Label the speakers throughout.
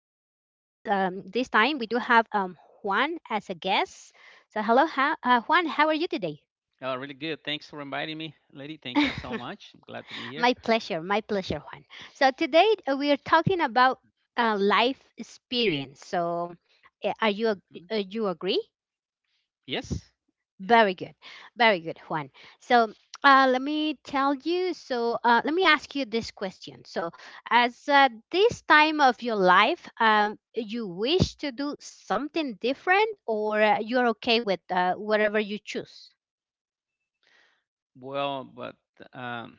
Speaker 1: time we do have Juan as a guest. So, hello, Juan. How are you today?
Speaker 2: Really good. Thanks for inviting me, lady. Thank you so much. I'm glad to be
Speaker 1: My
Speaker 2: here.
Speaker 1: pleasure, my pleasure, Juan. So today we are talking about life experience. So, uh, are you
Speaker 2: Hmm.
Speaker 1: ag- you agree?
Speaker 2: Yes. Yeah.
Speaker 1: Very good. Very good, Juan. So, let me tell you. So, let me ask you this question. So, as this time of your life, you wish to do something different, or you're okay with whatever you choose?
Speaker 2: Well, but um,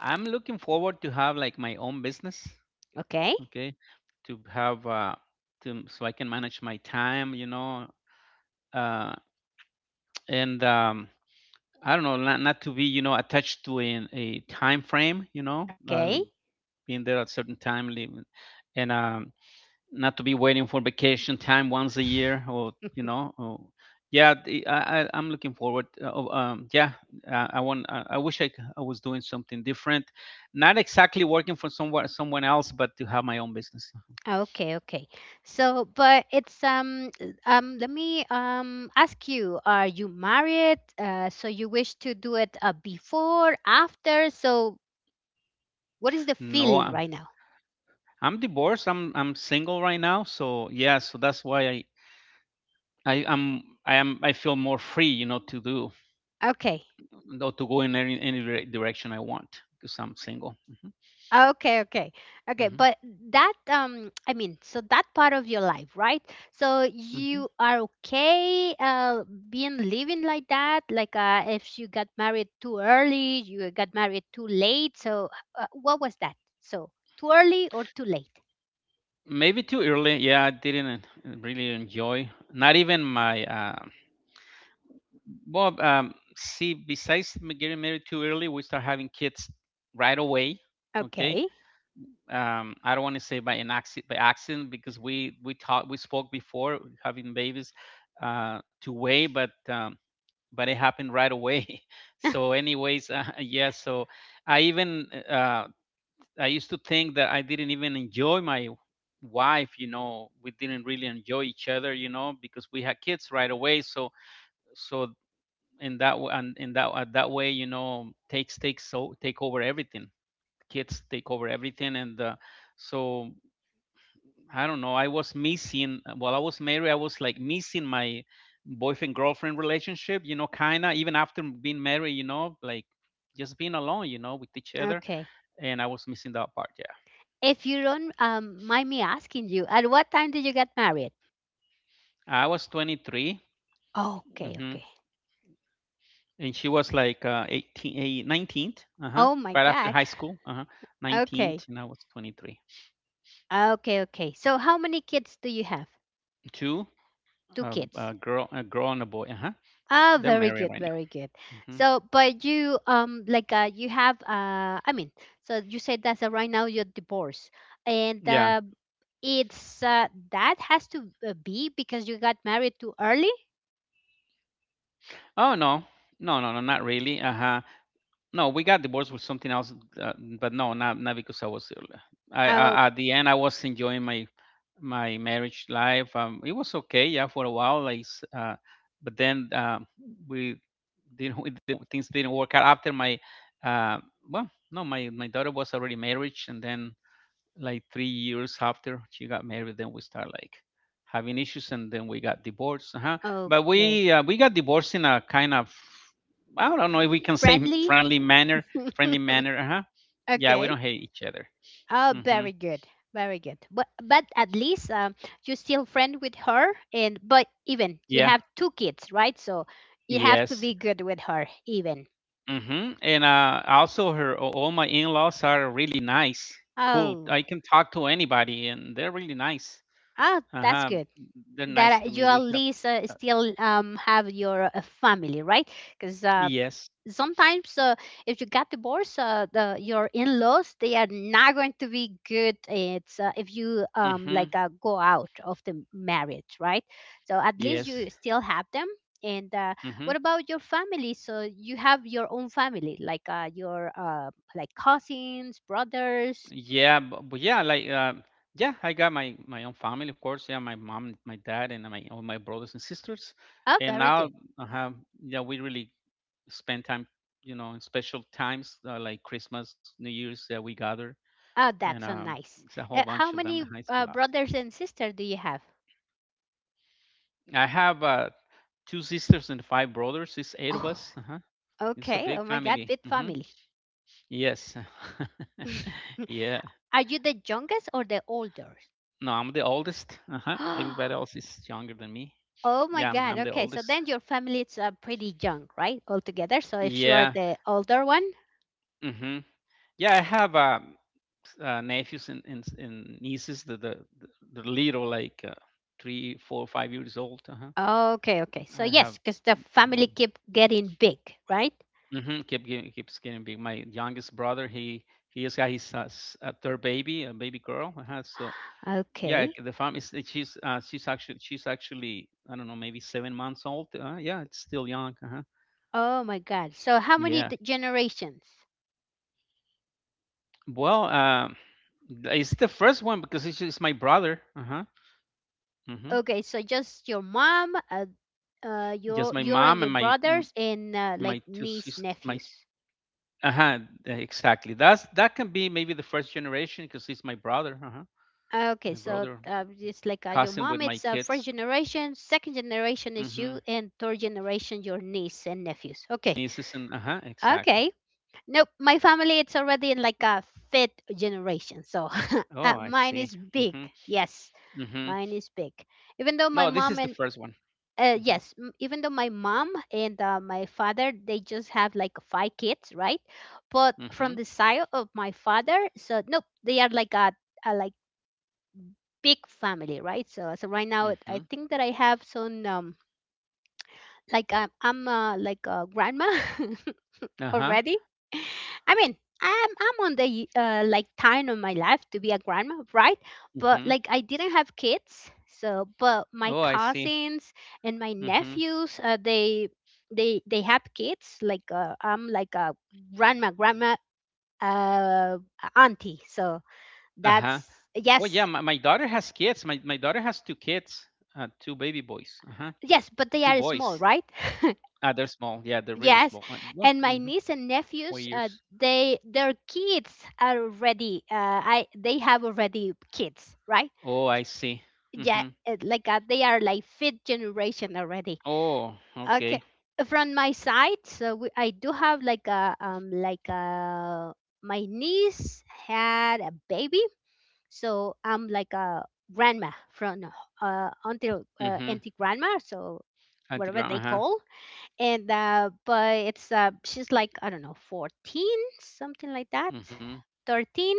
Speaker 2: I'm looking forward to have like my own business.
Speaker 1: Okay.
Speaker 2: Okay. To have to so I can manage my time. Uh, and I don't know, not to be attached to a time frame.
Speaker 1: Okay.
Speaker 2: Like being there at certain time, leaving, and not to be waiting for vacation time once a year, or you know or, yeah. The, I, I i'm looking forward, um yeah I wish I was doing something different, not exactly working for someone else, but to have my own business.
Speaker 1: Okay, okay. So, but it's let me ask you, are you married? So you wish to do it before, after? So what is the
Speaker 2: No,
Speaker 1: feeling right now?
Speaker 2: I'm divorced. I'm single right now, so yeah, so that's why I feel more free, to do,
Speaker 1: Okay.
Speaker 2: or to go in any direction I want, because I'm single.
Speaker 1: Okay, okay, okay.
Speaker 2: Hmm.
Speaker 1: But that, I mean, so that part of your life, right? So
Speaker 2: Hmm.
Speaker 1: you are okay, being living like that. Like, if you got married too early, you got married too late. So, what was that? So, too early or too late?
Speaker 2: Maybe too early. Yeah, I didn't, really enjoy. Not even my. See, besides getting married too early, we start having kids right away. Okay.
Speaker 1: Okay,
Speaker 2: I don't want to say by an accident, by accident, because we talked, we spoke before having babies, to wait, but but it happened right away. So, anyways, yeah. So I even, I used to think that I didn't even enjoy my wife. We didn't really enjoy each other, because we had kids right away. So, so in that that way, take over everything. Kids take over everything, and so I don't know. I was missing while I was married. I was like missing my boyfriend girlfriend relationship, kinda even after being married, like just being alone, with each other.
Speaker 1: okay.
Speaker 2: And I was missing that part. Yeah,
Speaker 1: If you don't, mind me asking you, at what time did you get married?
Speaker 2: I was 23.
Speaker 1: Okay,
Speaker 2: Hmm.
Speaker 1: okay.
Speaker 2: And she was like, 18, 19th, uh-huh,
Speaker 1: Oh my
Speaker 2: right after
Speaker 1: God.
Speaker 2: high school, uh-huh, 19th,
Speaker 1: Okay,
Speaker 2: and I was 23.
Speaker 1: okay, okay. So, how many kids do you have?
Speaker 2: Two.
Speaker 1: Two
Speaker 2: A
Speaker 1: kids.
Speaker 2: girl, a girl and a boy, uh-huh.
Speaker 1: Ah,
Speaker 2: They're
Speaker 1: very
Speaker 2: married
Speaker 1: good,
Speaker 2: right
Speaker 1: very good.
Speaker 2: now. Hmm.
Speaker 1: So, but you like you have I mean, so you said that right now you're divorced, and
Speaker 2: Yeah.
Speaker 1: it's that has to be because you got married too early.
Speaker 2: Oh, no, no, no, no, not really. Uh-huh. No, we got divorced with something else, uh, but no, not because I was ill.
Speaker 1: Oh,
Speaker 2: I At the end, I was enjoying my marriage life. It was okay, yeah, for a while. Like, but then we didn't we didn't things didn't work out after my uh, well, no, my daughter was already married, and then, like, 3 years after she got married, then we start, like, having issues, and then we got divorced. Uh-huh. But
Speaker 1: okay,
Speaker 2: we got divorced in a kind of, I don't know if we can say,
Speaker 1: friendly.
Speaker 2: friendly manner, friendly manner. Uh-huh. Yeah, we
Speaker 1: Okay.
Speaker 2: don't hate each other.
Speaker 1: Oh,
Speaker 2: Mm-hmm.
Speaker 1: very good, very good. But at least you're still friend with her, and but even you
Speaker 2: Yeah.
Speaker 1: have two kids, right? So you have to
Speaker 2: Yes.
Speaker 1: be good with her, even.
Speaker 2: Mm-hmm. And also her, all my in-laws are really nice, cool, I
Speaker 1: Oh.
Speaker 2: can talk to anybody and they're really nice.
Speaker 1: Ah, that's
Speaker 2: Uh-huh.
Speaker 1: good.
Speaker 2: They're nice
Speaker 1: That
Speaker 2: to
Speaker 1: you
Speaker 2: me,
Speaker 1: at
Speaker 2: we have,
Speaker 1: least
Speaker 2: uh,
Speaker 1: still have your family, right? Because
Speaker 2: yes.
Speaker 1: sometimes if you got divorced, your in-laws they are not going to be good. It's if you
Speaker 2: Mm-hmm.
Speaker 1: like go out of the marriage, right? So at least
Speaker 2: Yes.
Speaker 1: you still have them. And
Speaker 2: Mm-hmm.
Speaker 1: what about your family? So you have your own family, like your like cousins, brothers.
Speaker 2: Yeah, but yeah, like, yeah, I got my own family, of course. Yeah, my mom, my dad, and my all my brothers and sisters.
Speaker 1: Oh,
Speaker 2: And
Speaker 1: very
Speaker 2: now,
Speaker 1: good.
Speaker 2: uh, yeah, we really spend time, in special times, like Christmas, New Year's, that we gather,
Speaker 1: Oh, that's
Speaker 2: and
Speaker 1: so nice.
Speaker 2: it's a whole
Speaker 1: How
Speaker 2: bunch of them.
Speaker 1: many
Speaker 2: And it's a lot.
Speaker 1: brothers and sisters do you have?
Speaker 2: I have, two sisters and five brothers. It's eight of
Speaker 1: Oh,
Speaker 2: us. Uh-huh. It's a
Speaker 1: okay.
Speaker 2: big
Speaker 1: Oh my God,
Speaker 2: family.
Speaker 1: big
Speaker 2: Hmm.
Speaker 1: family.
Speaker 2: Yes. Yeah.
Speaker 1: Are you the youngest or the oldest?
Speaker 2: No, I'm the oldest. Uh-huh. Everybody else is younger than me.
Speaker 1: Oh my
Speaker 2: Yeah,
Speaker 1: God.
Speaker 2: I'm the
Speaker 1: Okay, so
Speaker 2: oldest.
Speaker 1: then your family is pretty young, right? All together. So if you are
Speaker 2: Yeah.
Speaker 1: the older one,
Speaker 2: Hmm. Yeah, I have, nephews and nieces that the little, like, three, four, 5 years old. Uh-huh.
Speaker 1: okay, okay. So
Speaker 2: I have.
Speaker 1: yes, because the family
Speaker 2: Mm-hmm.
Speaker 1: keep getting big, right?
Speaker 2: Mm-hmm. Keep getting, keeps getting big. My youngest brother, he has got his, third baby, a baby girl. Uh-huh. So yeah,
Speaker 1: Okay.
Speaker 2: the farm is. She's, she's actually, I don't know, maybe 7 months old. Yeah, it's still young. Uh-huh.
Speaker 1: Oh my God. So how many
Speaker 2: Yeah.
Speaker 1: generations?
Speaker 2: Well, it's the first one because it's my brother. Uh-huh. Mm-hmm.
Speaker 1: Okay, so just your mom,
Speaker 2: Just
Speaker 1: your
Speaker 2: my
Speaker 1: your and
Speaker 2: mom
Speaker 1: your
Speaker 2: and
Speaker 1: brothers and like
Speaker 2: my two
Speaker 1: niece
Speaker 2: sisters, my,
Speaker 1: nephews.
Speaker 2: uh-huh, exactly, that's, that can be maybe the first generation because it's my brother. Uh-huh.
Speaker 1: Okay,
Speaker 2: My
Speaker 1: so
Speaker 2: brother,
Speaker 1: it's like your
Speaker 2: cousin with
Speaker 1: mom.
Speaker 2: my
Speaker 1: It's first
Speaker 2: kids.
Speaker 1: generation, second generation is
Speaker 2: Mm-hmm.
Speaker 1: you, and third generation your niece and nephews.
Speaker 2: My
Speaker 1: Okay,
Speaker 2: nieces and, uh-huh, exactly.
Speaker 1: okay. Nope, my family it's already in like a fifth generation. So
Speaker 2: Oh, I
Speaker 1: mine
Speaker 2: see.
Speaker 1: is big.
Speaker 2: Mm-hmm.
Speaker 1: Yes,
Speaker 2: Mm-hmm.
Speaker 1: mine is big. Even though my
Speaker 2: No, this
Speaker 1: mom
Speaker 2: is the
Speaker 1: and
Speaker 2: first one. Mm-hmm.
Speaker 1: Even though my mom and my father they just have like five kids, right, but from
Speaker 2: Mm-hmm.
Speaker 1: the side of my father, so nope, they are like a, like big family, right. So right now I
Speaker 2: Mm-hmm.
Speaker 1: think that I have some like I'm like a grandma
Speaker 2: Uh-huh.
Speaker 1: already. I mean, I'm on the like time of my life to be a grandma, right? But
Speaker 2: Mm-hmm.
Speaker 1: like I didn't have kids, so but my
Speaker 2: Oh, I see.
Speaker 1: cousins and my
Speaker 2: Mm-hmm.
Speaker 1: nephews, they have kids. Like I'm like a grandma, grandma, uh, auntie. So
Speaker 2: Uh-huh.
Speaker 1: that's
Speaker 2: Well, yeah,
Speaker 1: yes,
Speaker 2: my daughter has kids, my daughter has two kids, two baby boys, uh-huh,
Speaker 1: yes. But they
Speaker 2: two
Speaker 1: are small,
Speaker 2: boys.
Speaker 1: right?
Speaker 2: Ah, they're small. Yeah, they're really
Speaker 1: Yes,
Speaker 2: small. And well,
Speaker 1: and my niece and
Speaker 2: four
Speaker 1: nephews,
Speaker 2: years.
Speaker 1: they their kids are already. I they have already kids, right?
Speaker 2: Oh, I see.
Speaker 1: Yeah,
Speaker 2: Mm-hmm.
Speaker 1: like they are like fifth generation already.
Speaker 2: Oh,
Speaker 1: Okay,
Speaker 2: okay.
Speaker 1: from my side, so I do have like a my niece had a baby, so I'm like a grandma from until
Speaker 2: Mm-hmm.
Speaker 1: auntie grandma, so whatever
Speaker 2: Antigram.
Speaker 1: they
Speaker 2: Uh-huh.
Speaker 1: call and but it's she's like I don't know 14, something like that,
Speaker 2: Mm-hmm.
Speaker 1: 13.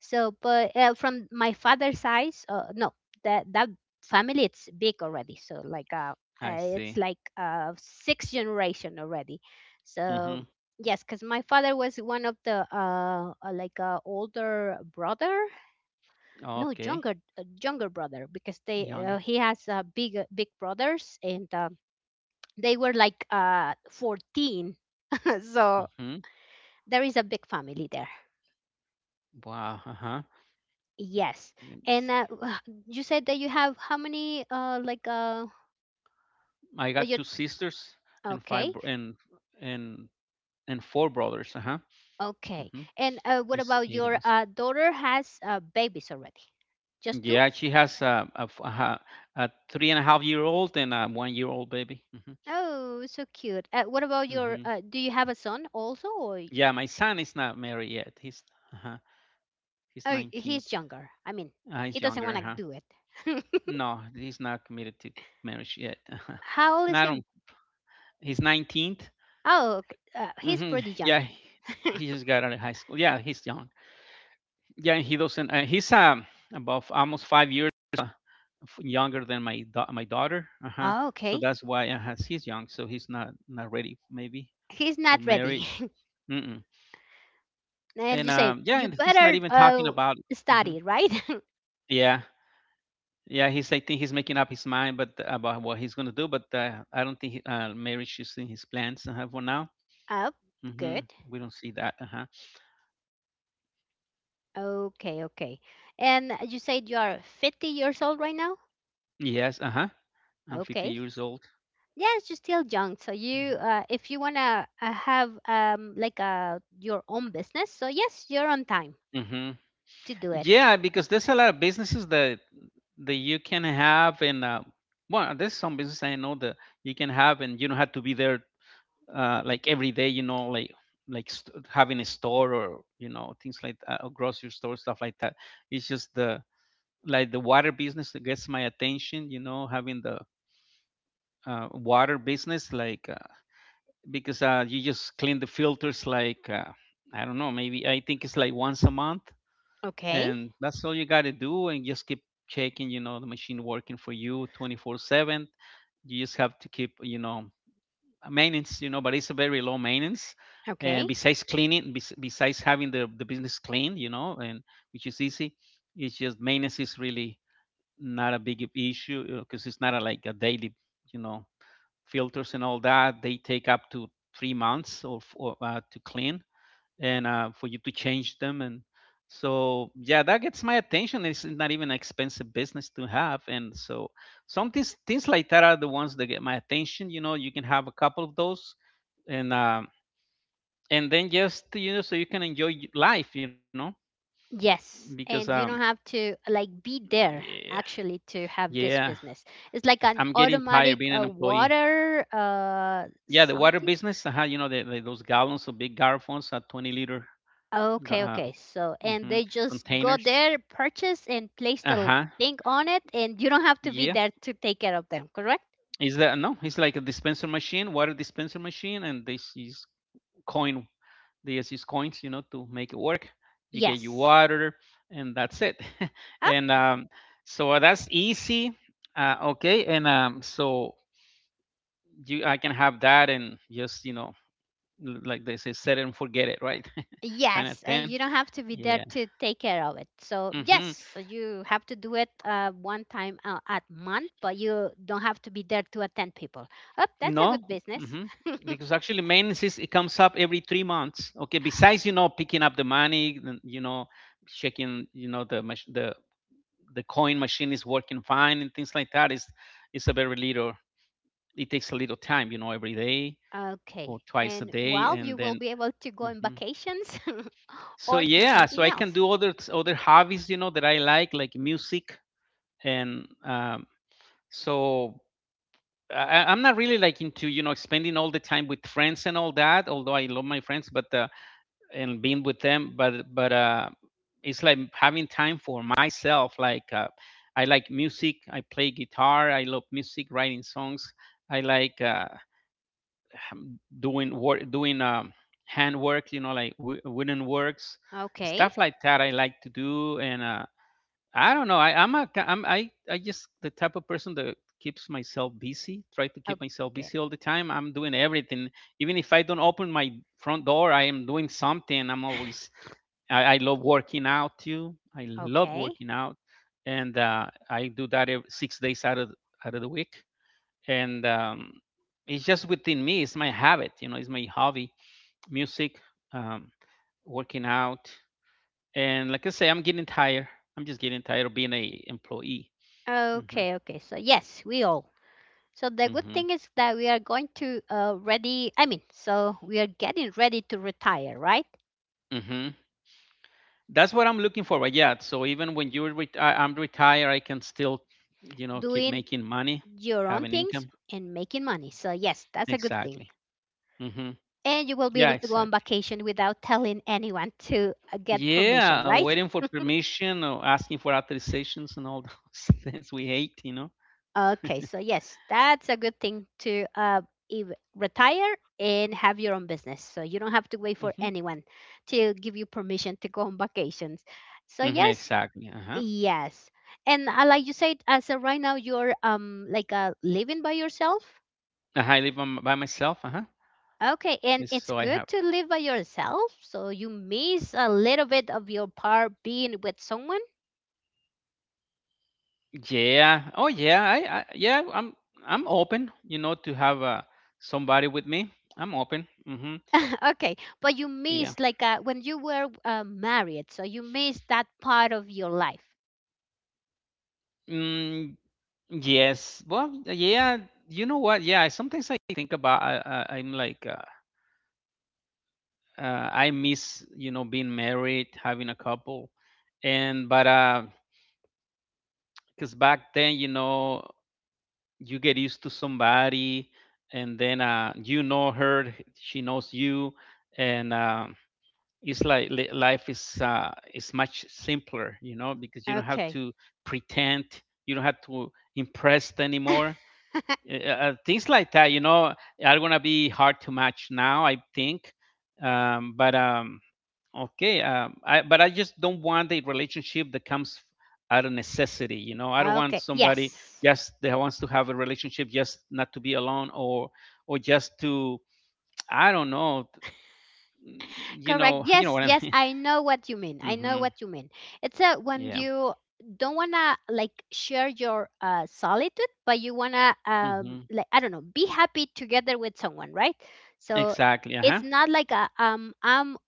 Speaker 1: So but from my father's side no, that family it's big already, so like
Speaker 2: I
Speaker 1: it's
Speaker 2: see.
Speaker 1: like six generation already, so
Speaker 2: Mm-hmm.
Speaker 1: yes, because my father was one of the like older brother, no,
Speaker 2: Okay.
Speaker 1: younger, younger brother, because they
Speaker 2: Younger.
Speaker 1: he has big brothers, and they were like 14 so
Speaker 2: Mm-hmm.
Speaker 1: there is a big family there,
Speaker 2: Wow. Uh-huh.
Speaker 1: yes.
Speaker 2: Let me
Speaker 1: And
Speaker 2: see.
Speaker 1: you said that you have how many like
Speaker 2: I got
Speaker 1: your
Speaker 2: two sisters and five
Speaker 1: okay,
Speaker 2: bro- and and four brothers. Uh-huh.
Speaker 1: okay.
Speaker 2: Mm-hmm.
Speaker 1: And what
Speaker 2: It's
Speaker 1: about
Speaker 2: eight of
Speaker 1: your
Speaker 2: us.
Speaker 1: daughter has babies already, just two? Oh,
Speaker 2: Yeah, she has a three and a half year old and a 1 year old baby. Mm-hmm.
Speaker 1: so cute. What about your?
Speaker 2: Mm-hmm.
Speaker 1: Do you have a son also, or
Speaker 2: Yeah, my son is not married yet. Uh he's
Speaker 1: oh,
Speaker 2: 19.
Speaker 1: he's younger? I mean, he
Speaker 2: He's
Speaker 1: doesn't
Speaker 2: younger,
Speaker 1: want to
Speaker 2: huh?
Speaker 1: do it.
Speaker 2: No, he's not committed to marriage yet.
Speaker 1: How old
Speaker 2: And
Speaker 1: is
Speaker 2: I
Speaker 1: him?
Speaker 2: don't. He's 19th.
Speaker 1: Oh, he's
Speaker 2: Hmm.
Speaker 1: pretty young.
Speaker 2: Yeah, he just got out of high school. Yeah, he's young. Yeah, he doesn't. He's, about almost 5 years, younger than my daughter. Uh-huh.
Speaker 1: Oh,
Speaker 2: So
Speaker 1: okay.
Speaker 2: that's why, he's young. So he's not ready, maybe,
Speaker 1: He's
Speaker 2: for
Speaker 1: not
Speaker 2: marriage.
Speaker 1: ready.
Speaker 2: Mm-mm.
Speaker 1: And you
Speaker 2: And
Speaker 1: say
Speaker 2: yeah,
Speaker 1: you
Speaker 2: and he's not
Speaker 1: better
Speaker 2: even talking about. Hmm.
Speaker 1: study, right?
Speaker 2: Yeah, yeah, he's. I think he's making up his mind, but about what he's gonna do. But I don't think marriage is in his plans, for now.
Speaker 1: Up.
Speaker 2: Hmm.
Speaker 1: Good.
Speaker 2: We don't see that. Uh huh.
Speaker 1: Okay, okay. And you said you are 50 years old right now.
Speaker 2: Yes. Uh huh. I'm 50
Speaker 1: Okay.
Speaker 2: years old.
Speaker 1: Yes, you're still young, so you if you want to have like your own business, so yes, you're on time
Speaker 2: Mm-hmm.
Speaker 1: to do it.
Speaker 2: Yeah, because there's a lot of businesses that you can have, and there's some business I know that you can have, and you don't have to be there, like every day. Like having a store, or things like that, or grocery store stuff like that. It's just the, like, the water business that gets my attention, having the, water business, like, because, you just clean the filters, like, I don't know, maybe, I think it's like once a month,
Speaker 1: Okay,
Speaker 2: and that's all you got to do, and just keep checking, the machine working for you 24/7. You just have to keep, maintenance, but it's a very low maintenance. And
Speaker 1: okay.
Speaker 2: besides cleaning, besides having the business clean, and which is easy. It's just maintenance is really not a big issue because it's not like a daily, you know, filters and all that. They take up to 3 months, or to clean, and for you to change them. And so, yeah, that gets my attention. It's not even an expensive business to have. And so, things like that are the ones that get my attention. You know, you can have a couple of those, and and then, just, so you can enjoy life.
Speaker 1: Yes,
Speaker 2: Because
Speaker 1: and you don't have to like be there
Speaker 2: yeah,
Speaker 1: actually to have this
Speaker 2: yeah,
Speaker 1: business. It's like an
Speaker 2: I'm getting tired
Speaker 1: automatic
Speaker 2: being an employee.
Speaker 1: water
Speaker 2: Yeah, the water
Speaker 1: something.
Speaker 2: business, those gallons of big garrafons, 20 liter, ga-
Speaker 1: Okay,
Speaker 2: uh,
Speaker 1: okay. So, and
Speaker 2: hmm
Speaker 1: they just go
Speaker 2: containers.
Speaker 1: there, purchase, and place the
Speaker 2: Uh-huh.
Speaker 1: thing on it, and you don't have to be
Speaker 2: Yeah.
Speaker 1: there to take care of them, correct?
Speaker 2: Is that no? It's like a dispenser machine, water dispenser machine, and this is coin. They just use coins, to make it work. You get your
Speaker 1: Yes.
Speaker 2: water, and that's it.
Speaker 1: Up?
Speaker 2: And that's easy. Okay, and so I can have that, and just, like they say, set it and forget it, right? Kind of
Speaker 1: Yes,
Speaker 2: thing.
Speaker 1: and you don't have to be
Speaker 2: Yeah.
Speaker 1: there to take care of it. So, yes,
Speaker 2: Hmm.
Speaker 1: so you have to do it one time at month, but you don't have to be there to attend people. Up, that's a
Speaker 2: No,
Speaker 1: good business.
Speaker 2: hmm because actually maintenance, it comes up every 3 months. Okay, besides, picking up the money, then, checking, the, the coin machine is working fine, and things like that. Is It's a very little. It takes a little time, every day or
Speaker 1: Okay.
Speaker 2: twice a
Speaker 1: And
Speaker 2: day,
Speaker 1: while
Speaker 2: and
Speaker 1: you will
Speaker 2: then.
Speaker 1: be able to go on
Speaker 2: Hmm.
Speaker 1: vacations
Speaker 2: So
Speaker 1: or do
Speaker 2: yeah, so
Speaker 1: something
Speaker 2: I
Speaker 1: else.
Speaker 2: can do other hobbies, that I like music, and so I'm not really, like, into spending all the time with friends and all that. Although I love my friends, but and being with them, but it's like having time for myself. Like, I like music. I play guitar. I love music, writing songs. I like, doing work, doing, handwork. Like wooden works,
Speaker 1: Okay.
Speaker 2: stuff like that. I like to do, and. I don't know. I, I'm a, am I just the type of person that keeps myself busy. Try to keep myself
Speaker 1: Okay.
Speaker 2: busy all the time. I'm doing everything. Even if I don't open my front door, I am doing something. I'm always. I love working out too. I love
Speaker 1: Okay.
Speaker 2: working out, and I do that ev 6 days out of the week. And It's just within me. It's my habit. You know, it's my hobby. Music, um, working out. And like I say, I'm getting tired. I'm just getting tired of being a employee. Mm hmm
Speaker 1: Okay, okay. So yes, we all. So the
Speaker 2: mm
Speaker 1: good
Speaker 2: hmm
Speaker 1: thing is that we are going to ready I mean, so we are getting ready to retire, right?
Speaker 2: mm hmm That's what I'm looking for. But yeah, so even when you're I'm retired, I can still, keep
Speaker 1: Doing
Speaker 2: making money,
Speaker 1: your
Speaker 2: have
Speaker 1: own
Speaker 2: an
Speaker 1: things
Speaker 2: income.
Speaker 1: and making money. So yes, that's a good thing.
Speaker 2: Exactly. mm hmm
Speaker 1: And you will be
Speaker 2: Yeah,
Speaker 1: able to go on
Speaker 2: exactly.
Speaker 1: vacation without telling anyone to get permission,
Speaker 2: Yeah,
Speaker 1: right?
Speaker 2: waiting for permission or asking for authorizations and all those things we hate.
Speaker 1: Okay, so yes, that's a good thing to retire and have your own business. So you don't have to wait for
Speaker 2: hmm
Speaker 1: anyone to give you permission to go on vacations. So yes,
Speaker 2: exactly. Uh huh.
Speaker 1: yes. And like you said, as of right now, you're like living by yourself.
Speaker 2: I live on, by myself. Uh huh.
Speaker 1: Okay, and it's
Speaker 2: So I
Speaker 1: good
Speaker 2: have.
Speaker 1: to live by yourself, so you miss a little bit of your part being with someone.
Speaker 2: Yeah. Oh yeah. I yeah, I'm open, you know, to have somebody with me. I'm open. Mhm.
Speaker 1: Okay, but you
Speaker 2: Yeah.
Speaker 1: miss like when you were married, so you miss that part of your life.
Speaker 2: Mm, yes. Well, yeah, you know what? Yeah, sometimes I think about I I'm like I miss, you know, being married, having a couple. And but cuz back then, you know, you get used to somebody, and then you know her, she knows you, and it's like life is much simpler, you know, because you don't have
Speaker 1: Okay.
Speaker 2: to pretend, you don't have to impress anymore. Things like that, you know, are gonna be hard to match now, I think. Um, but um, but I just don't want a relationship that comes out of necessity, you know. I don't want
Speaker 1: Okay.
Speaker 2: somebody
Speaker 1: Yes.
Speaker 2: just that wants to have a relationship just not to be alone, or just to I don't know,
Speaker 1: Correct.
Speaker 2: you know
Speaker 1: Yes,
Speaker 2: what I
Speaker 1: yes,
Speaker 2: mean.
Speaker 1: I know what you mean. I know
Speaker 2: hmm
Speaker 1: what you mean. It's a when
Speaker 2: Yeah.
Speaker 1: you don't wanna like share your solitude, but you wanna
Speaker 2: hmm
Speaker 1: like I don't know, be happy together with someone, right? So
Speaker 2: Exactly. Uh huh.
Speaker 1: it's not like I'm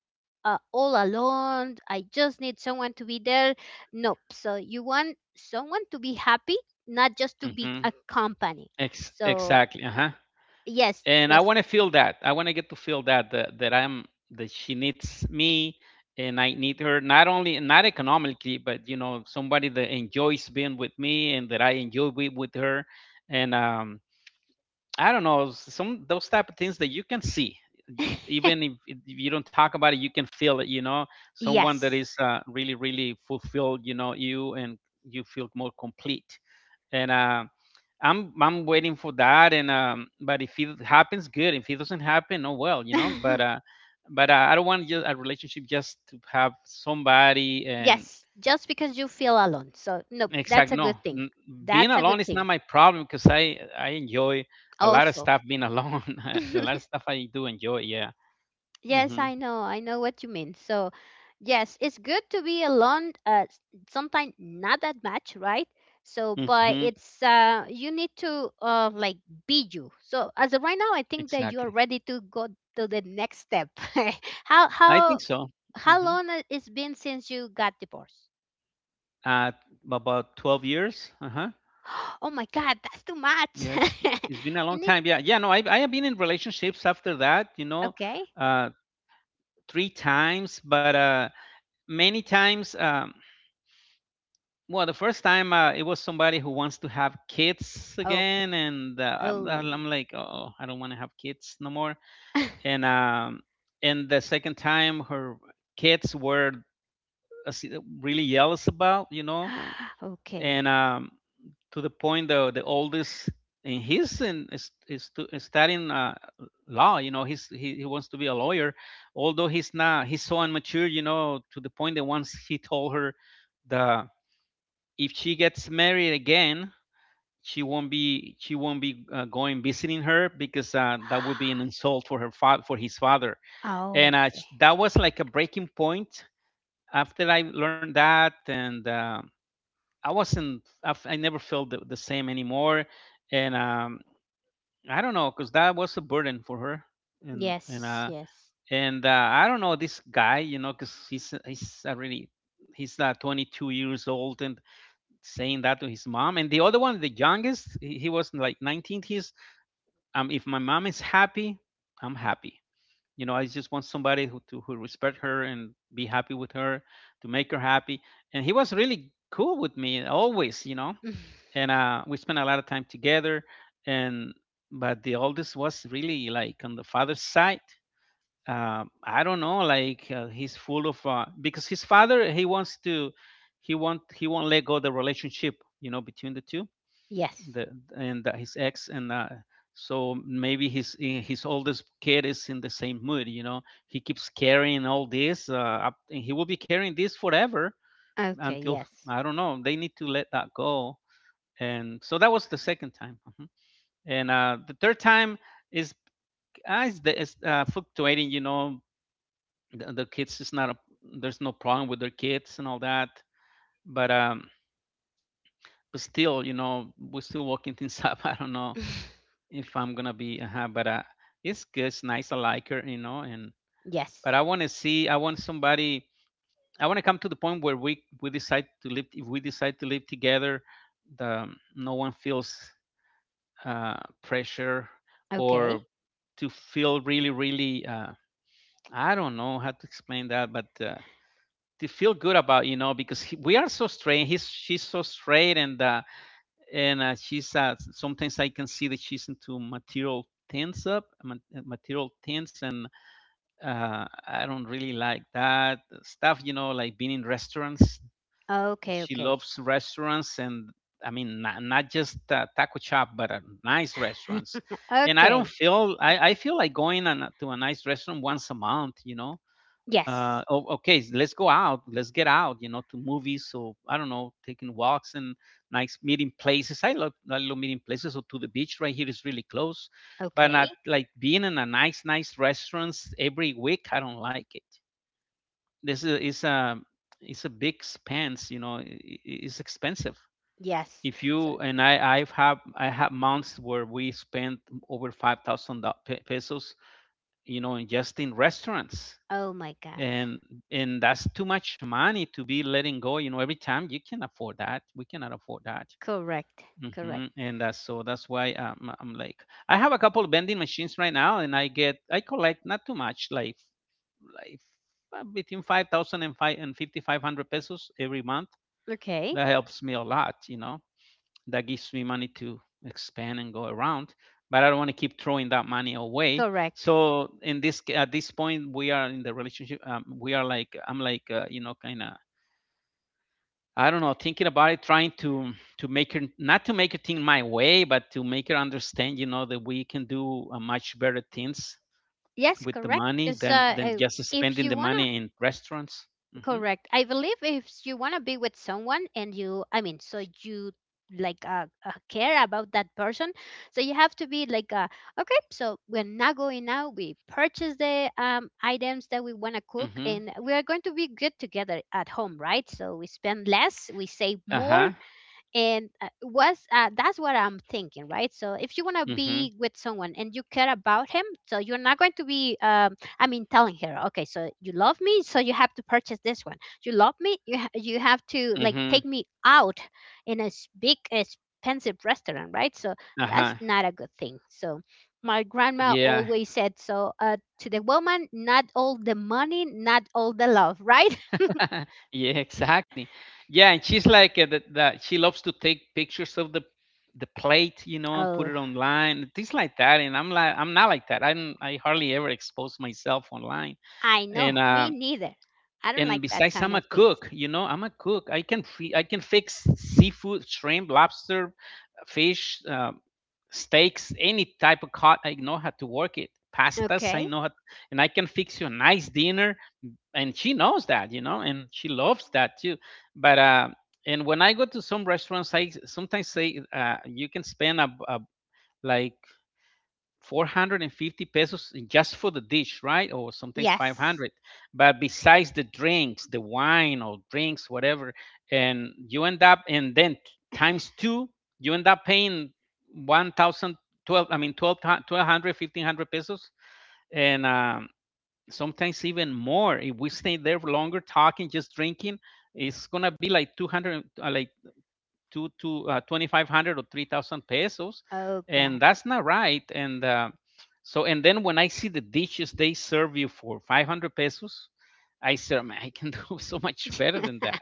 Speaker 1: all alone. I just need someone to be there. Nope. So you want someone to be happy, not just to be
Speaker 2: hmm
Speaker 1: a company. So
Speaker 2: Exactly. Uh huh.
Speaker 1: yes,
Speaker 2: And I
Speaker 1: yes,
Speaker 2: want to feel that. I want to get to feel that that I'm that she needs me and I need her, not only not economically, but you know somebody that enjoys being with me and that I enjoy being with her. And I don't know, some those type of things that you can see. Even if you don't talk about it, you can feel it. You know, someone that
Speaker 1: yes.
Speaker 2: is really, really fulfilled. You know, you and you feel more complete, and I'm waiting for that. And But if it happens, good. If it doesn't happen, oh well, you know. But I don't want just a relationship just to have somebody and
Speaker 1: Yes, just because you feel alone. So, no,
Speaker 2: exact
Speaker 1: that's a
Speaker 2: no.
Speaker 1: good thing.
Speaker 2: Being
Speaker 1: That's a
Speaker 2: alone
Speaker 1: good
Speaker 2: is not
Speaker 1: thing.
Speaker 2: my problem, because I enjoy a lot of
Speaker 1: Also,
Speaker 2: stuff being alone. A lot of stuff I do enjoy. Yeah.
Speaker 1: yes,
Speaker 2: Mm-hmm.
Speaker 1: I know. I know what you mean. So, yes, it's good to be alone. Sometimes not that much, right? So,
Speaker 2: Mm-hmm.
Speaker 1: but it's you need to like be you. So, as of right now, I think that you are
Speaker 2: Exactly.
Speaker 1: ready to go to the next step. how
Speaker 2: I
Speaker 1: how
Speaker 2: think so.
Speaker 1: how
Speaker 2: Mm-hmm.
Speaker 1: long it's been since you got divorced?
Speaker 2: Uh, about 12 years. Uh-huh.
Speaker 1: Oh my God, that's too much.
Speaker 2: Yeah, it's been a
Speaker 1: you
Speaker 2: long
Speaker 1: need
Speaker 2: time. Yeah, yeah. No, I have been in relationships after that. You know,
Speaker 1: Okay.
Speaker 2: uh, three times, but many times. Well, the first time it was somebody who wants to have kids
Speaker 1: Okay.
Speaker 2: again, and
Speaker 1: Oh.
Speaker 2: I'm like, oh, I don't want to have kids no more. And um, and the second time, her kids were uh, s- really jealous about, you know,
Speaker 1: Okay.
Speaker 2: and to the point that the oldest and he's in is, to, is studying law. You know, he wants to be a lawyer, although he's not he's so immature, you know, to the point that once he told her that if she gets married again, she won't be going visiting her because that would be an insult for her for his father. And
Speaker 1: Oh,
Speaker 2: That was like a breaking point. After I learned that, and I wasn't. I never felt the same anymore, and I don't know, cause that was a burden for her, and and
Speaker 1: yes,
Speaker 2: uh,
Speaker 1: yes.
Speaker 2: and I don't know this guy, you know, cause he's already he's 22 years old and saying that to his mom. And the other one, the youngest, he was like 19. He's if my mom is happy, I'm happy. You know, I just want somebody who to who respect her and be happy with her, to make her happy. And he was really cool with me always, you know, and we spent a lot of time together. And but the oldest was really like on the father's side. I don't know, he's full of because his father he won't let go the relationship, you know, between the two,
Speaker 1: Yes.
Speaker 2: the and his ex and. So maybe his oldest kid is in the same mood, you know. He keeps carrying all this, up, and he will be carrying this forever
Speaker 1: Okay,
Speaker 2: until
Speaker 1: yes.
Speaker 2: I don't know. They need to let that go, and so that was the second time. Mhm. And the third time is is fluctuating, you know. The kids is not a, there's no problem with their kids and all that, but but still, you know, we're still working things up. I don't know if I'm gonna be but it's good, it's nice, I like her, you know. And
Speaker 1: Yes.
Speaker 2: but I want to see, I want somebody, I want to come to the point where we decide to live, if we decide to live together, the no one feels uh, pressure, or
Speaker 1: Okay.
Speaker 2: to feel really, really, I don't know how to explain that, but to feel good about, you know, because we are so straight. He's She's so straight, and she's sometimes I can see that she's into material things up material things and I don't really like that stuff, you know, like being in restaurants.
Speaker 1: Okay,
Speaker 2: She
Speaker 1: okay.
Speaker 2: loves restaurants, and I mean, not, not just a taco shop, but a nice restaurants. And I don't
Speaker 1: Okay.
Speaker 2: feel I feel like going to a nice restaurant once a month, you know.
Speaker 1: Yes.
Speaker 2: Oh, okay, let's go out. Let's get out, you know, to movies. So I don't know, taking walks and nice meeting places. I love meeting places. So to the beach right here is really close, but
Speaker 1: Okay.
Speaker 2: not like being in a nice restaurants every week. I don't like it. This is a it's a big expense, you know. It's expensive,
Speaker 1: Yes.
Speaker 2: if
Speaker 1: So,
Speaker 2: you and I have months where we spent over 5,000 pesos, you know, in just in restaurants.
Speaker 1: oh my God.
Speaker 2: And and that's too much money to be letting go, you know, every time. You can afford that, we cannot afford that.
Speaker 1: Correct. Correct.
Speaker 2: Hmm. And that's so that's why I'm like, I have a couple of vending machines right now, and I collect not too much, like between 5,000 and 5,500 pesos every month.
Speaker 1: Okay.
Speaker 2: That helps me a lot, you know. That gives me money to expand and go around. But I don't want to keep throwing that money away.
Speaker 1: Correct.
Speaker 2: So in this at this point, we are in the relationship. We are like I'm like you know, kind of I don't know, thinking about it, trying to make her not to make her think my way, but to make her understand, you know, that we can do much better things
Speaker 1: Yes,
Speaker 2: with the
Speaker 1: correct.
Speaker 2: money
Speaker 1: Because
Speaker 2: than just
Speaker 1: if
Speaker 2: spending
Speaker 1: you
Speaker 2: the
Speaker 1: wanna.
Speaker 2: money in restaurants. Hmm.
Speaker 1: Correct. I believe if you want to be with someone and I mean, so you like care about that person, so you have to be like okay, so we're not going out. We purchase the items that we want to cook,
Speaker 2: Mhm.
Speaker 1: and we are going to be good together at home, right? So we spend less, we save more,
Speaker 2: Uh-huh.
Speaker 1: and was that's what I'm thinking, right. So if you want to
Speaker 2: Mhm.
Speaker 1: be with someone and you care about him, so you're not going to be I mean telling her, okay, so you love me, so you have to purchase this one. You love me, you have to like
Speaker 2: Mhm.
Speaker 1: take me out in a big expensive restaurant, right. So that's
Speaker 2: Uh-huh.
Speaker 1: not a good thing. So my grandma
Speaker 2: Yeah.
Speaker 1: always said so to the woman, not all the money, not all the love, right?
Speaker 2: Yeah, exactly. Yeah, and she's like that she loves to take pictures of the plate, you know, and put
Speaker 1: Oh,
Speaker 2: it online, things like that. And I'm like, I'm not like that. I hardly ever expose myself online.
Speaker 1: I know.
Speaker 2: And uh
Speaker 1: Me neither. I don't
Speaker 2: and
Speaker 1: like that
Speaker 2: besides,
Speaker 1: kind
Speaker 2: I'm a
Speaker 1: of things.
Speaker 2: cook, you know, I'm a cook. I can fix seafood, shrimp, lobster, fish, steaks, any type of cut. I know how to work it. Pastas, I
Speaker 1: Okay.
Speaker 2: know how, and I can fix you a nice dinner. And she knows that, you know, and she loves that too. But and when I go to some restaurants, I sometimes say you can spend a like 450 pesos in just for the dish, right? Or sometimes
Speaker 1: Yes.
Speaker 2: 500. But besides the drinks, the wine or drinks, whatever, and you end up, and then times two, you end up paying 1,000, 12, I mean, 12, 1,200, 1,500 pesos. And Sometimes even more. If we stay there for longer talking, just drinking, it's going to be like 200, like two to 2500 or 3000 pesos,
Speaker 1: Oh
Speaker 2: and
Speaker 1: God.
Speaker 2: that's not right. And uh, so and then when I see the dishes they serve you for 500 pesos, I said, man, I can do so much better than that,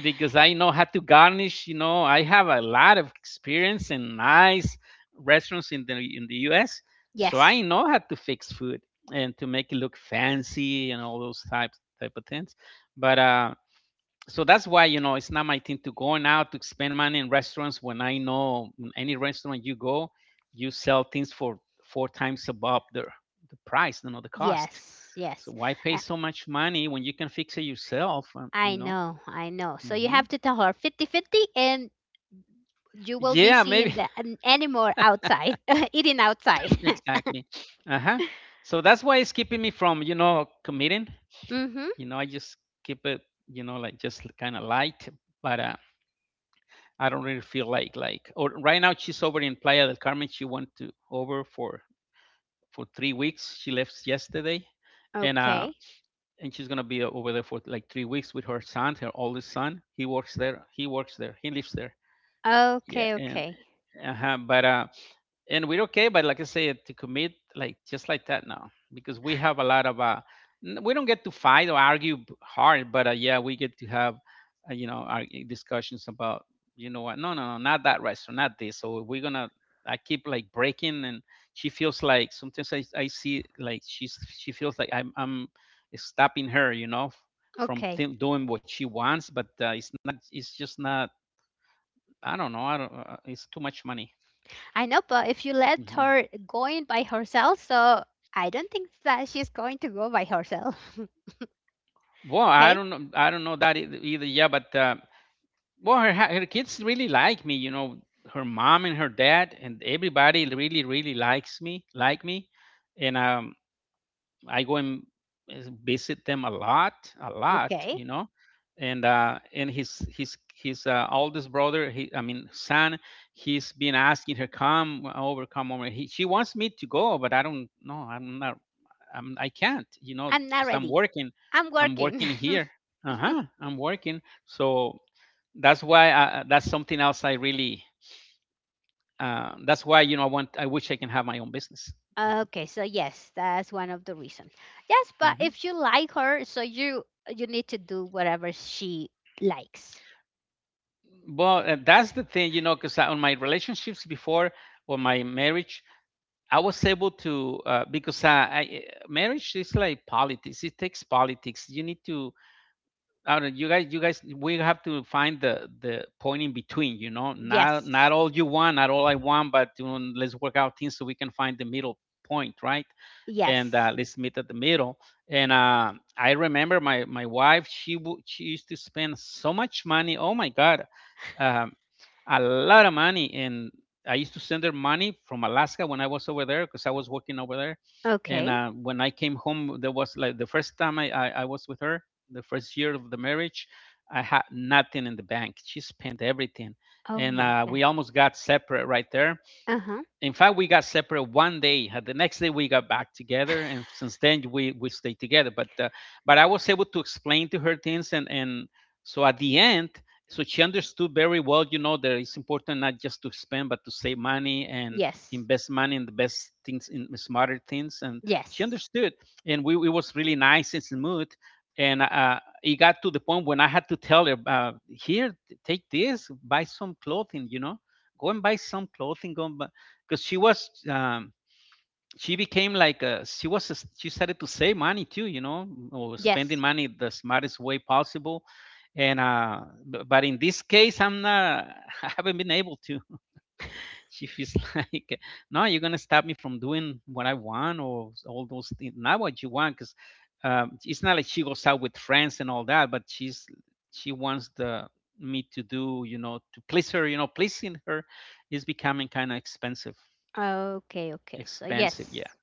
Speaker 2: because I know how to garnish. I have a lot of experience in nice restaurants in the US, so I
Speaker 1: Yes.
Speaker 2: know how to fix food and to make it look fancy and all those types type of things. But uh so that's why, it's not my thing to going out to spend money in restaurants when I know any restaurant you go, you sell things for four times above the price, you know, the cost.
Speaker 1: Yes.
Speaker 2: So
Speaker 1: Yes.
Speaker 2: why pay
Speaker 1: I,
Speaker 2: so much money when you can fix it yourself? You
Speaker 1: I
Speaker 2: know.
Speaker 1: know. I know. So you
Speaker 2: Hmm.
Speaker 1: have to tell her fifty-fifty, and you will be
Speaker 2: Yeah, maybe,
Speaker 1: seeing the anymore outside eating outside.
Speaker 2: exactly. Uh huh. So that's why it's keeping me from, you know, committing.
Speaker 1: Mhm.
Speaker 2: You know, I just keep it, you know, like just kind of light, but I don't really feel like or right now she's over in Playa del Carmen. She went to over for three weeks. She left yesterday, and
Speaker 1: Okay.
Speaker 2: and she's gonna be over there for like three weeks with her son, her oldest son. He works there. He works there. He lives there. Yeah,
Speaker 1: Okay,
Speaker 2: and
Speaker 1: okay.
Speaker 2: uh-huh, but and we're okay, but like I said, to commit like just like that, no, because we have a lot of we don't get to fight or argue hard, but yeah, we get to have you know, our discussions about, you know, what, no, no, no, not that restaurant, not this, so we're gonna I keep like breaking, and she feels like sometimes I see like she feels like I'm stopping her, you know, from
Speaker 1: Okay.
Speaker 2: doing what she wants, but it's not, it's just not, I don't know, I don't, it's too much money.
Speaker 1: I know, but if you let
Speaker 2: Mm-hmm.
Speaker 1: her going by herself, so I don't think that she's going to go by herself.
Speaker 2: Well, I
Speaker 1: Okay?
Speaker 2: don't know. I don't know that either. Yeah, but well, her kids really like me. You know, her mom and her dad and everybody really really like me, and I go and visit them a lot, a lot.
Speaker 1: Okay.
Speaker 2: You know, and his oldest brother, he, I mean son, he's been asking her, come over, come over. She wants me to go, but I don't know. I'm not I'm, I can't, you know,
Speaker 1: I'm not
Speaker 2: because I'm
Speaker 1: ready.
Speaker 2: working.
Speaker 1: I'm
Speaker 2: I'm
Speaker 1: working.
Speaker 2: working here. Uh huh. I'm working. So that's why that's something else I really. That's why, you know, I want. I wish I can have my own business.
Speaker 1: Okay, so yes, that's one of the reasons. Yes, but
Speaker 2: Hmm.
Speaker 1: if you like her, so you need to do whatever she likes.
Speaker 2: Well, that's the thing, you know, because on my relationships before or my marriage, I was able to, I, marriage is like politics. It takes politics. You need to I don't know, you guys, we have to find the point in between. You know, not
Speaker 1: Yes.
Speaker 2: not all you want, not all I want, but you know, let's work out things so we can find the middle point, right? And
Speaker 1: Yes.
Speaker 2: Let's meet at the middle. And I remember my wife, she used to spend so much money. Oh my God, um, a lot of money, and I used to send her money from Alaska when I was over there because I was working over there. And
Speaker 1: Okay.
Speaker 2: when I came home, there was like the first time I was with her the first year of the marriage, I had nothing in the bank. She spent everything,
Speaker 1: Oh
Speaker 2: and
Speaker 1: my
Speaker 2: we
Speaker 1: God.
Speaker 2: almost got separate right there.
Speaker 1: Uh-huh.
Speaker 2: In fact, we got separate one day. The next day we got back together, and since then we stayed together, but I was able to explain to her things, and at the end, so she understood very well, you know, that it's important not just to spend but to save money and
Speaker 1: Yes.
Speaker 2: invest money in the best things, in smarter things, and she
Speaker 1: Yes.
Speaker 2: understood, and we it was really nice and smooth, and it got to the point when I had to tell her, here, take this, buy some clothing, you know, go and buy some clothing, go and buy, because she was she became like a she was a, she started to save money too, you know, or spending
Speaker 1: Yes.
Speaker 2: money the smartest way possible. And uh b- but in this case, I'm not. I haven't been able to. She feels like, no, you're gonna stop me from doing what I want or all those things, not what you want, because it's not like she goes out with friends and all that, but she wants the me to do, you know, to please her. You know, pleasing her is becoming kind of expensive.
Speaker 1: Okay, okay. So
Speaker 2: Expensive, yeah.
Speaker 1: yes.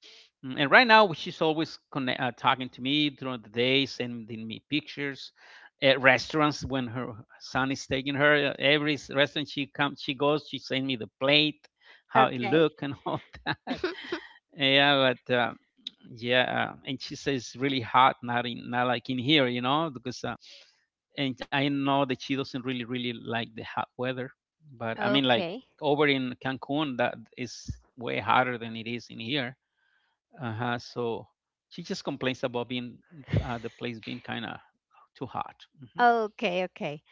Speaker 2: And right now, she's always talking to me during the day, sending me pictures at restaurants when her son is taking her. Every restaurant she comes, she goes, she sends me the plate, how it
Speaker 1: Okay.
Speaker 2: look, and all that. Yeah, and she says it's really hot, not like in here, you know, because and I know that she doesn't really, really like the hot weather. But I mean, like
Speaker 1: Okay.
Speaker 2: over in Cancun, that is way hotter than it is in here. Uh-huh. So she just complains about being the place being kind of too hot.
Speaker 1: Okay, okay.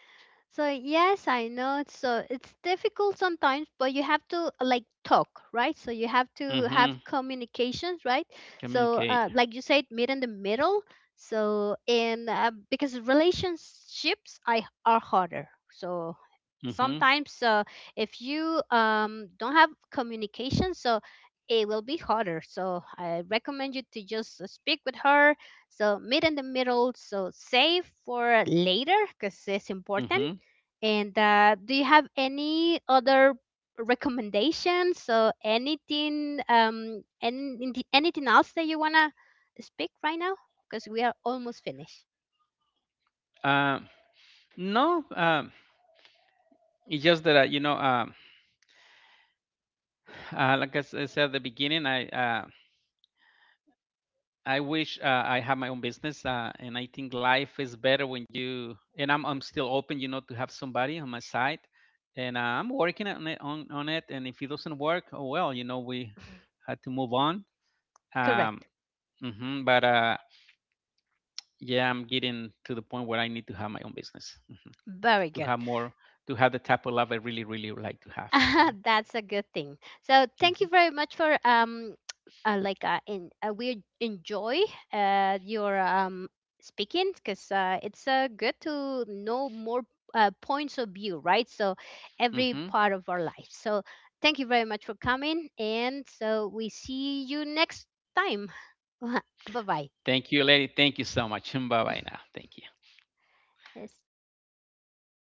Speaker 1: So yes, I know. So it's difficult sometimes, but you have to like talk, right? So you have
Speaker 2: Hmm
Speaker 1: to
Speaker 2: hmm.
Speaker 1: have communications, right? So
Speaker 2: Communicate.
Speaker 1: like you said, meet in the middle. So and because relationships I are harder. So
Speaker 2: Hmm
Speaker 1: sometimes if you don't have communication, so it will be harder. So I recommend you to just speak with her. So meet in the middle. So save for later because it's important.
Speaker 2: hmm.
Speaker 1: And do you have any other recommendations or anything, anything else that you wanna speak right now? Because we are almost finished.
Speaker 2: Um, no, it's just that you know, like I said at the beginning, I wish I had my own business, and I think life is better when you. And I'm still open, you know, to have somebody on my side, and I'm working on it, on it. And if it doesn't work, oh well, you know, we had to move on. Um,
Speaker 1: Correct.
Speaker 2: hmm, but yeah, I'm getting to the point where I need to have my own business. Mhm.
Speaker 1: Very
Speaker 2: To
Speaker 1: good.
Speaker 2: have more, to have the type of love I really, really would like to have.
Speaker 1: That's a good thing. So thank
Speaker 2: Hmm
Speaker 1: you very much for like in we enjoy your speaking because it's good to know more points of view, right? So
Speaker 2: hmm
Speaker 1: every
Speaker 2: hmm.
Speaker 1: part of our life. So thank you very much for coming, and so we see you next time. Bye bye.
Speaker 2: Thank you, lady. Thank you so much. Bye bye now. Thank you.
Speaker 1: Stop.